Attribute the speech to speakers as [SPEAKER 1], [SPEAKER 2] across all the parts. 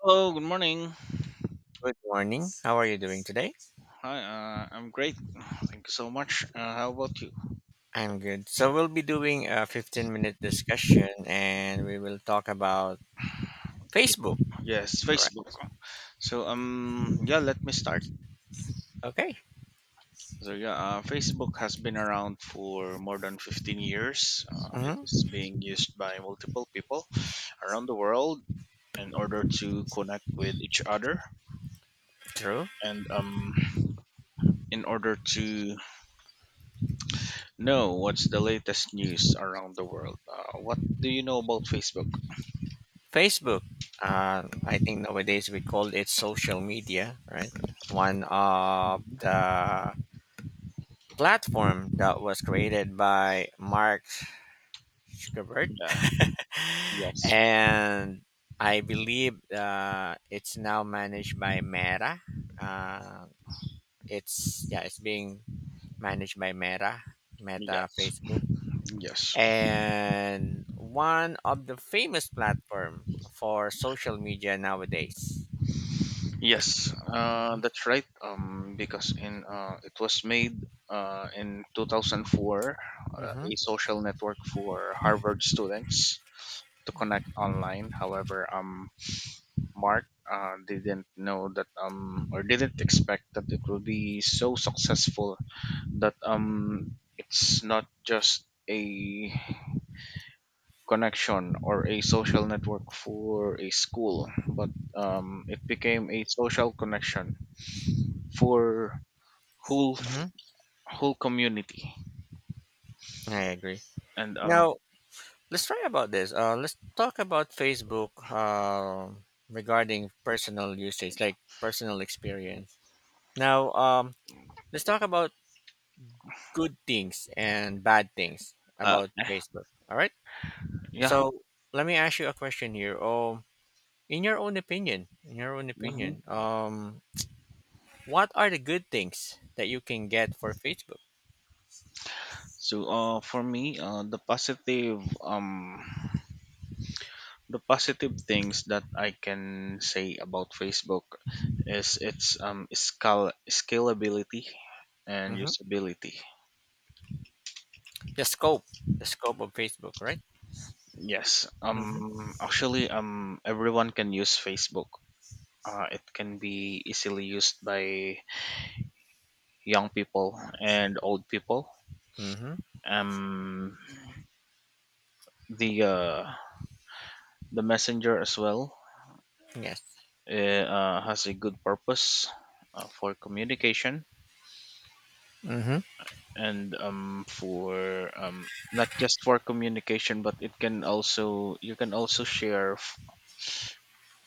[SPEAKER 1] Hello, good morning.
[SPEAKER 2] Good morning. How are you doing today?
[SPEAKER 1] Hi, I'm great. Thank you so much. How about you?
[SPEAKER 2] I'm good. So we'll be doing a 15-minute discussion and we will talk about Facebook.
[SPEAKER 1] Yes,
[SPEAKER 2] Correct.
[SPEAKER 1] Facebook. So yeah, let me start.
[SPEAKER 2] Okay.
[SPEAKER 1] So yeah, Facebook has been around for more than 15 years. It
[SPEAKER 2] Hmm.
[SPEAKER 1] is being used by multiple people around the world in order to connect with each other
[SPEAKER 2] True.
[SPEAKER 1] and in order to know what's the latest news around the world. What do you know about Facebook?
[SPEAKER 2] Facebook. I think nowadays we call it social media, right? One of the platform that was created by Mark Zuckerberg.
[SPEAKER 1] Yeah. Yes.
[SPEAKER 2] And I believe it's now managed by Meta. Uh, It's yeah, it's being managed by Meta, Meta
[SPEAKER 1] Yes.
[SPEAKER 2] Facebook.
[SPEAKER 1] Yes.
[SPEAKER 2] And one of the famous platform for social media nowadays.
[SPEAKER 1] Yes,
[SPEAKER 2] Hmm.
[SPEAKER 1] that's right. Because in it was made in 2004,
[SPEAKER 2] Hmm.
[SPEAKER 1] a social network for Harvard students to connect online. However, Mark didn't know that or didn't expect that it will be so successful that it's not just a connection or a social network for a school, but it became a social connection for whole f-
[SPEAKER 2] Hmm.
[SPEAKER 1] whole community.
[SPEAKER 2] I agree.
[SPEAKER 1] and um
[SPEAKER 2] Now let's try about this. Let's talk about Facebook regarding personal usage, like personal experience. Now, let's talk about good things and bad things
[SPEAKER 1] uh
[SPEAKER 2] about
[SPEAKER 1] eh,
[SPEAKER 2] Facebook. All right.
[SPEAKER 1] yeah.
[SPEAKER 2] So let me ask you a question here. In your own opinion, in your own
[SPEAKER 1] hmm
[SPEAKER 2] opinion, what are the good things that you can get for Facebook?
[SPEAKER 1] so uh for me, the positive things that I can say about Facebook is its scalability and
[SPEAKER 2] Hmm.
[SPEAKER 1] usability.
[SPEAKER 2] The scope of Facebook, right?
[SPEAKER 1] Yes,
[SPEAKER 2] Mm-hmm.
[SPEAKER 1] actually, everyone can use Facebook. It can be easily used by young people and old people.
[SPEAKER 2] Mm-hmm.
[SPEAKER 1] um the uh, The messenger as well
[SPEAKER 2] Yes.
[SPEAKER 1] has a good purpose for communication.
[SPEAKER 2] Mm-hmm.
[SPEAKER 1] And for not just for communication, but it can also share f-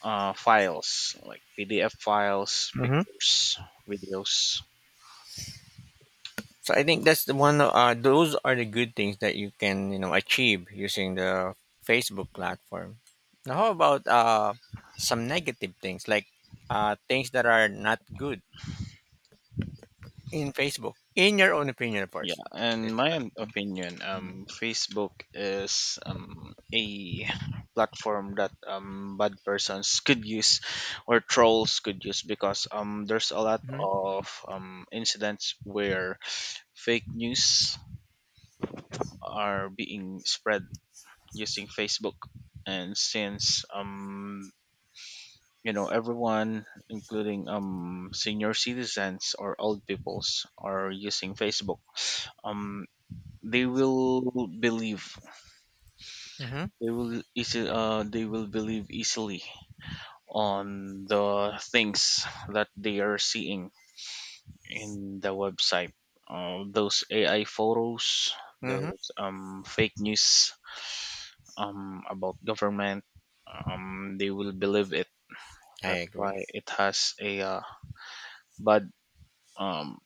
[SPEAKER 1] uh, files like PDF files,
[SPEAKER 2] Mm-hmm.
[SPEAKER 1] pictures, videos.
[SPEAKER 2] So I think that's the one. Those are the good things that you can achieve using the Facebook platform. Now, how about some negative things like things that are not good in Facebook? In your own opinion, of course.
[SPEAKER 1] Yeah, in
[SPEAKER 2] It's.
[SPEAKER 1] my opinion,
[SPEAKER 2] Mhm.
[SPEAKER 1] Facebook is a platform that bad persons could use or trolls could use because there's a lot
[SPEAKER 2] Mhm.
[SPEAKER 1] of incidents where fake news are being spread using Facebook. And since everyone, including senior citizens or old peoples, are using Facebook, um, they will believe
[SPEAKER 2] Mhm.
[SPEAKER 1] they will believe easily on the things that they are seeing in the website, those AI photos,
[SPEAKER 2] Mhm.
[SPEAKER 1] those fake news about government. They will believe it.
[SPEAKER 2] I
[SPEAKER 1] That's why
[SPEAKER 2] agree.
[SPEAKER 1] it has a bad um,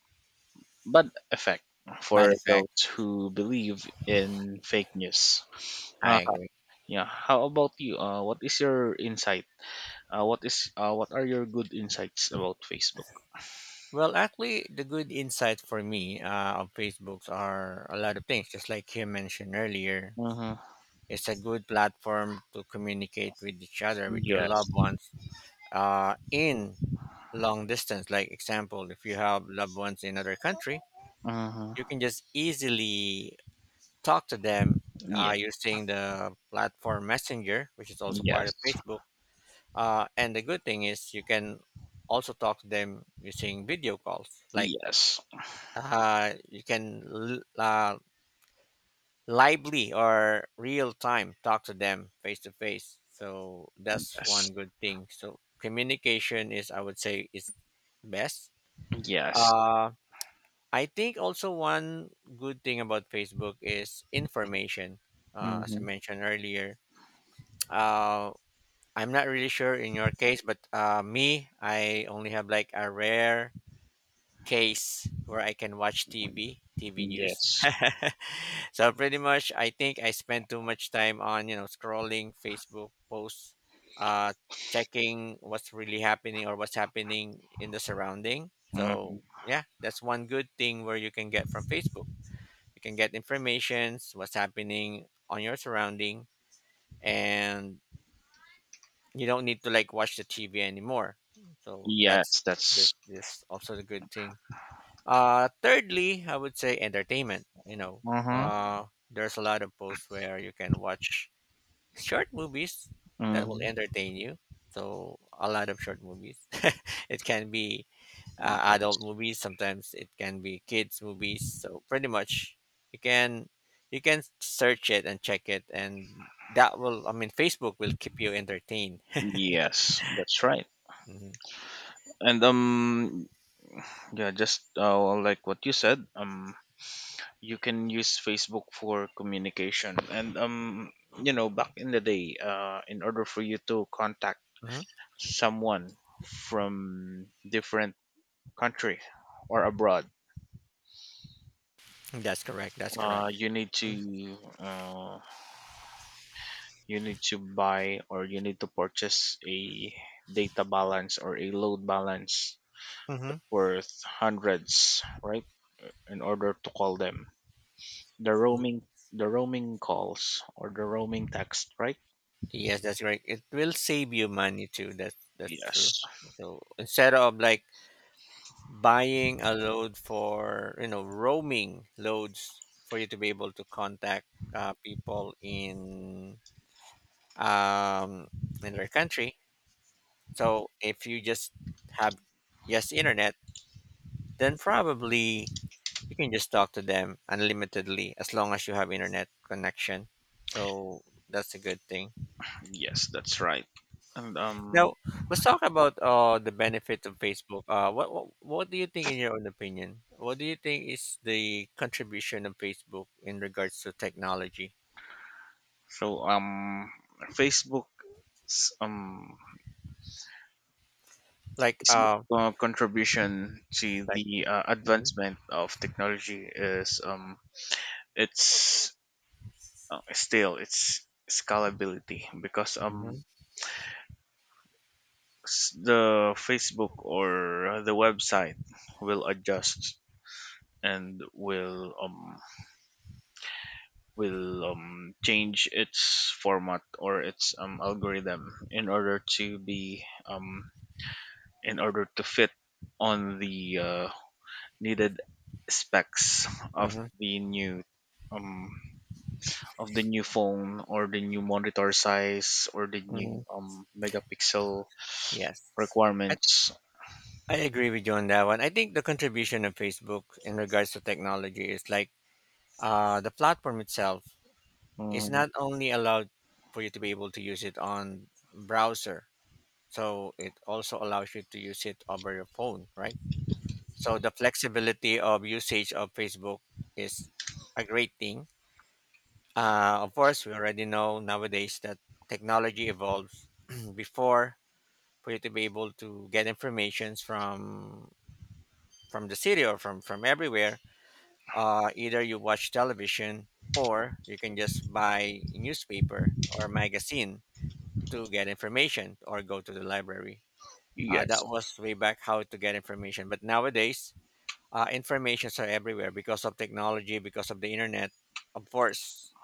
[SPEAKER 1] bad effect for
[SPEAKER 2] Matter of fact,
[SPEAKER 1] those who believe in fake news.
[SPEAKER 2] I
[SPEAKER 1] uh,
[SPEAKER 2] agree.
[SPEAKER 1] yeah, how about you? What is your insight? What are your good insights about Facebook?
[SPEAKER 2] Well, actually, the good insight for me of Facebooks are a lot of things. Just like you mentioned earlier,
[SPEAKER 1] Hmm.
[SPEAKER 2] it's a good platform to communicate with each other, with your
[SPEAKER 1] Yes.
[SPEAKER 2] loved ones, in long distance. Like example, if you have loved ones in other country,
[SPEAKER 1] Hmm.
[SPEAKER 2] you can just easily talk to them
[SPEAKER 1] Yeah.
[SPEAKER 2] using the platform Messenger, which is also part
[SPEAKER 1] Yes.
[SPEAKER 2] of Facebook. And the good thing is you can also talk to them using video calls. Like
[SPEAKER 1] Yes.
[SPEAKER 2] uh, you can l- uh, lively or real time talk to them face to face. So that's
[SPEAKER 1] Yes.
[SPEAKER 2] one good thing. So communication is, I would say, is best.
[SPEAKER 1] Yes.
[SPEAKER 2] Uh, I think also one good thing about Facebook is information. As I
[SPEAKER 1] Hmm.
[SPEAKER 2] mentioned earlier, uh, I'm not really sure in your case, but me, I only have like a rare case where I can watch TV, TV news.
[SPEAKER 1] Yes.
[SPEAKER 2] So pretty much, I think I spend too much time on scrolling Facebook posts, uh, checking what's really happening or what's happening in the surrounding.
[SPEAKER 1] Hmm.
[SPEAKER 2] So yeah, that's one good thing where you can get from Facebook. You can get informations, what's happening on your surrounding, and you don't need to like watch the TV anymore. So that's
[SPEAKER 1] Yes.
[SPEAKER 2] this
[SPEAKER 1] That's.
[SPEAKER 2] this also a good thing. Thirdly, I would say entertainment. You know,
[SPEAKER 1] Hmm.
[SPEAKER 2] there's a lot of posts where you can watch short movies that will
[SPEAKER 1] Hmm.
[SPEAKER 2] entertain you. So a lot of short movies. It can be adult movies, sometimes it can be kids movies. So pretty much you can you can search it and check it and that will I mean Facebook will keep you entertained.
[SPEAKER 1] Yes. That's right. And yeah, just like what you said, you can use Facebook for communication, and back in the day, in order for you to contact
[SPEAKER 2] Mhm.
[SPEAKER 1] someone from different country or abroad,
[SPEAKER 2] That's correct. That's
[SPEAKER 1] uh,
[SPEAKER 2] correct.
[SPEAKER 1] you need to uh, you need to buy or you need to purchase a data balance or a load balance
[SPEAKER 2] Mm-hmm. Mm.
[SPEAKER 1] worth hundreds, right? In order to call them, the roaming the roaming calls or the roaming text, right?
[SPEAKER 2] Yes, that's right. It will save you money too. That's true.
[SPEAKER 1] Yes,
[SPEAKER 2] So instead of like buying a load for roaming loads for you to be able to contact people um in their country. So if you just have yes internet, then probably you can just talk to them unlimitedly as long as you have internet connection. So that's a good thing.
[SPEAKER 1] yes, that's right. And
[SPEAKER 2] Now, let's talk about the benefits of Facebook. What do you think, in your own opinion, what do you think is the contribution of Facebook in regards to technology?
[SPEAKER 1] so Facebook um
[SPEAKER 2] Like,
[SPEAKER 1] Its big
[SPEAKER 2] uh,
[SPEAKER 1] contribution to
[SPEAKER 2] like,
[SPEAKER 1] the
[SPEAKER 2] mhm,
[SPEAKER 1] advancement of technology is its still its scalability because
[SPEAKER 2] mhm,
[SPEAKER 1] the Facebook or the website will adjust and will change its format or its algorithm in order to fit on the needed specs of
[SPEAKER 2] mhm,
[SPEAKER 1] the um new phone or the new monitor size or the new
[SPEAKER 2] mhm.
[SPEAKER 1] megapixel
[SPEAKER 2] Yes, I,
[SPEAKER 1] requirements.
[SPEAKER 2] I agree with you on that one. I think the contribution of Facebook in regards to technology is like the platform itself is
[SPEAKER 1] Mm,
[SPEAKER 2] not only allowed for you to be able to use it on browser, so it also allows you to use it over your phone, right? So the flexibility of usage of Facebook is a great thing. Of course, we already know nowadays that technology evolves. Before, for you to be able to get informations from the city or from everywhere, either you watch television or you can just buy newspaper or magazine to get information or go to the library. That
[SPEAKER 1] yes.
[SPEAKER 2] was way back how to get information. But nowadays, informations are everywhere because of technology, because of the internet. Of course,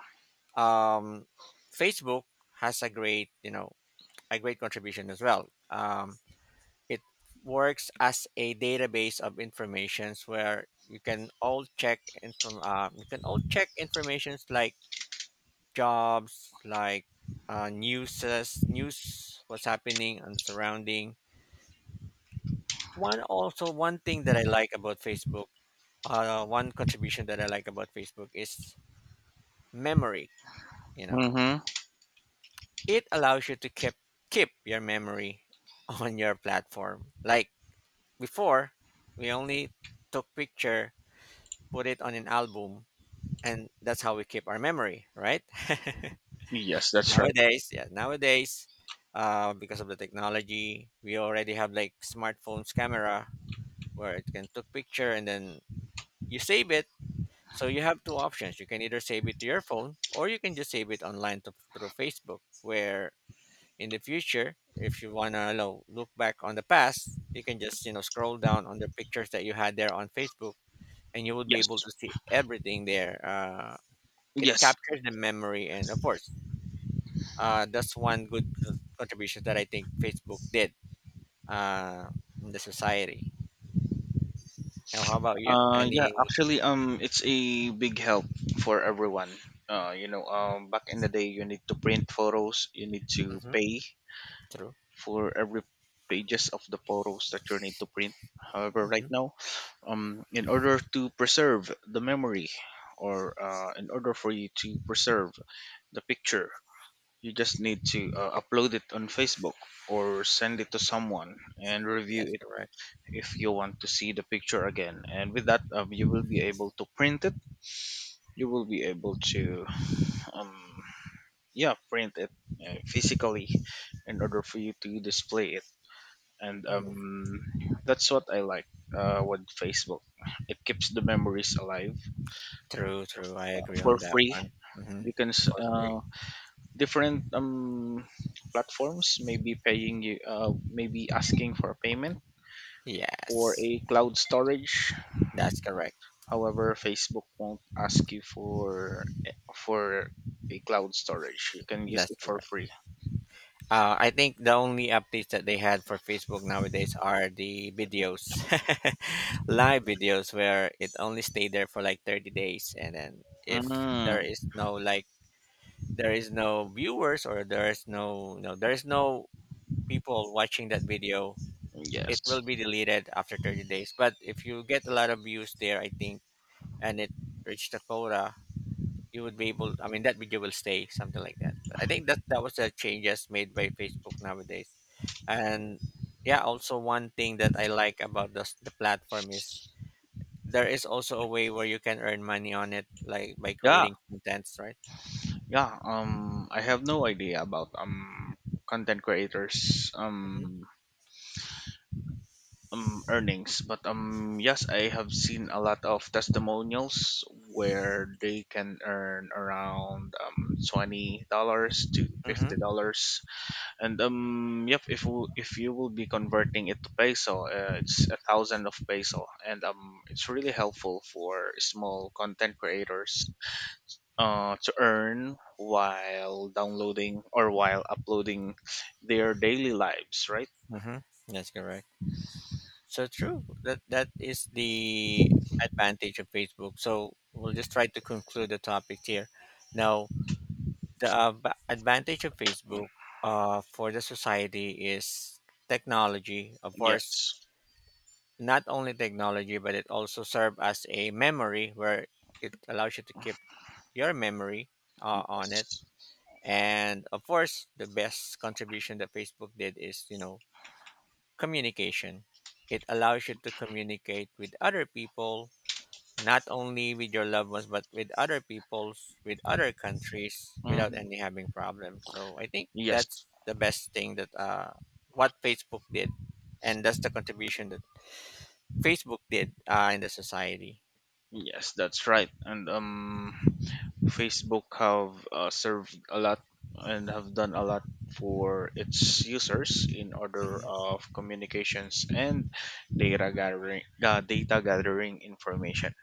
[SPEAKER 2] um, Facebook has a great, you know, a great contribution as well. It works as a database of informations where you can all check and from you can all check informations like jobs, like newses, news, what's happening and surrounding. One thing that I like about Facebook, one contribution that I like about Facebook is memory. You know,
[SPEAKER 1] Mm-hmm.
[SPEAKER 2] it allows you to keep your memory on your platform. Like before, we only took picture, put it on an album, and that's how we keep our memory, right?
[SPEAKER 1] Yes, that's right.
[SPEAKER 2] Nowadays, yeah, nowadays, because of the technology, we already have like smartphones camera where it can took picture and then you save it. So you have two options. You can either save it to your phone or you can just save it online to, through Facebook, where in the future, if you want to know, look back on the past, you can just, you know, scroll down on the pictures that you had there on Facebook and you would be able to
[SPEAKER 1] Yes.
[SPEAKER 2] see everything there. It
[SPEAKER 1] Yes.
[SPEAKER 2] captures the memory. And of course, that's one good contribution that I think Facebook did uh, in the society. Now, how about you?
[SPEAKER 1] Yeah,
[SPEAKER 2] Any?
[SPEAKER 1] actually, it's a big help for everyone. Back in the day you need to print photos, you need to
[SPEAKER 2] Hmm.
[SPEAKER 1] pay
[SPEAKER 2] True.
[SPEAKER 1] for every pages of the photos that you need to print. However, right
[SPEAKER 2] Hmm.
[SPEAKER 1] now, in order to preserve the memory, or in order for you to preserve the picture, you just need to upload it on Facebook or send it to someone and review
[SPEAKER 2] That's
[SPEAKER 1] it
[SPEAKER 2] correct.
[SPEAKER 1] if you want to see the picture again. And with that, you will be able to print it. You will be able to, um, yeah, print it physically in order for you to display it, and that's what I like with Facebook. It keeps the memories alive
[SPEAKER 2] True, true. I agree
[SPEAKER 1] for
[SPEAKER 2] on that
[SPEAKER 1] free.
[SPEAKER 2] one. Hmm.
[SPEAKER 1] You can s-
[SPEAKER 2] For free.
[SPEAKER 1] uh, Different platforms maybe paying you, maybe asking for a payment for
[SPEAKER 2] Yes,
[SPEAKER 1] a cloud storage.
[SPEAKER 2] that's correct.
[SPEAKER 1] However, Facebook won't ask you for a cloud storage. You can use
[SPEAKER 2] That's
[SPEAKER 1] it for
[SPEAKER 2] correct.
[SPEAKER 1] free.
[SPEAKER 2] I think the only updates that they had for Facebook nowadays are the videos, live videos, where it only stay there for like 30 days. And then if
[SPEAKER 1] Mm,
[SPEAKER 2] there is no like, there is no viewers or there is there is no people watching that video, it
[SPEAKER 1] yes.
[SPEAKER 2] will be deleted after 30 days. But if you get a lot of views there, I think, and it reached the quota, you would be able that video will stay something like that. But I think that that was the changes made by Facebook nowadays, and yeah, also one thing that I like about the platform is there is also a way where you can earn money on it like by
[SPEAKER 1] Yeah,
[SPEAKER 2] creating contents right.
[SPEAKER 1] Yeah, I have no idea about content creators
[SPEAKER 2] Mm-hmm.
[SPEAKER 1] earnings, but yes, I have seen a lot of testimonials where they can earn around $20 to fifty
[SPEAKER 2] Mm-hmm.
[SPEAKER 1] dollars, and yep, if you will be converting it to peso, it's a thousand of peso, and it's really helpful for small content creators to earn while downloading or while uploading their daily lives, right?
[SPEAKER 2] Mm-hmm. That's correct. So true that that is the advantage of Facebook. So we'll just try to conclude the topic here now. The advantage of Facebook for the society is technology, of course,
[SPEAKER 1] Yes,
[SPEAKER 2] not only technology, but it also serves as a memory where it allows you to keep your memory on it.
[SPEAKER 1] yes.
[SPEAKER 2] And of course, the best contribution that Facebook did is, you know, communication. It allows you to communicate with other people not only with your loved ones but with other peoples with other countries without
[SPEAKER 1] Mhm.
[SPEAKER 2] any having problems. So I think
[SPEAKER 1] Yes,
[SPEAKER 2] that's the best thing that what Facebook did, and that's the contribution that Facebook did in the society.
[SPEAKER 1] yes. That's right. And Facebook have served a lot and have done a lot for its users in order
[SPEAKER 2] Hmm.
[SPEAKER 1] of communications and data gathering information.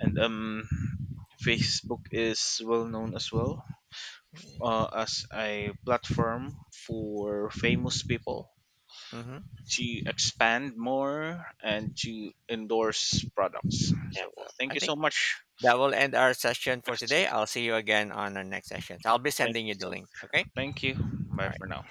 [SPEAKER 1] And Facebook is well known as well as a platform for famous people
[SPEAKER 2] Hmm.
[SPEAKER 1] to expand more and to endorse products.
[SPEAKER 2] Yeah,
[SPEAKER 1] So
[SPEAKER 2] so
[SPEAKER 1] thank
[SPEAKER 2] I
[SPEAKER 1] you so
[SPEAKER 2] think
[SPEAKER 1] much.
[SPEAKER 2] that will end our session for
[SPEAKER 1] Yes,
[SPEAKER 2] today. I'll see you again on our next sessions. I'll be
[SPEAKER 1] thank
[SPEAKER 2] sending
[SPEAKER 1] you
[SPEAKER 2] you the
[SPEAKER 1] so
[SPEAKER 2] link, okay.
[SPEAKER 1] much. Thank you. Bye for now.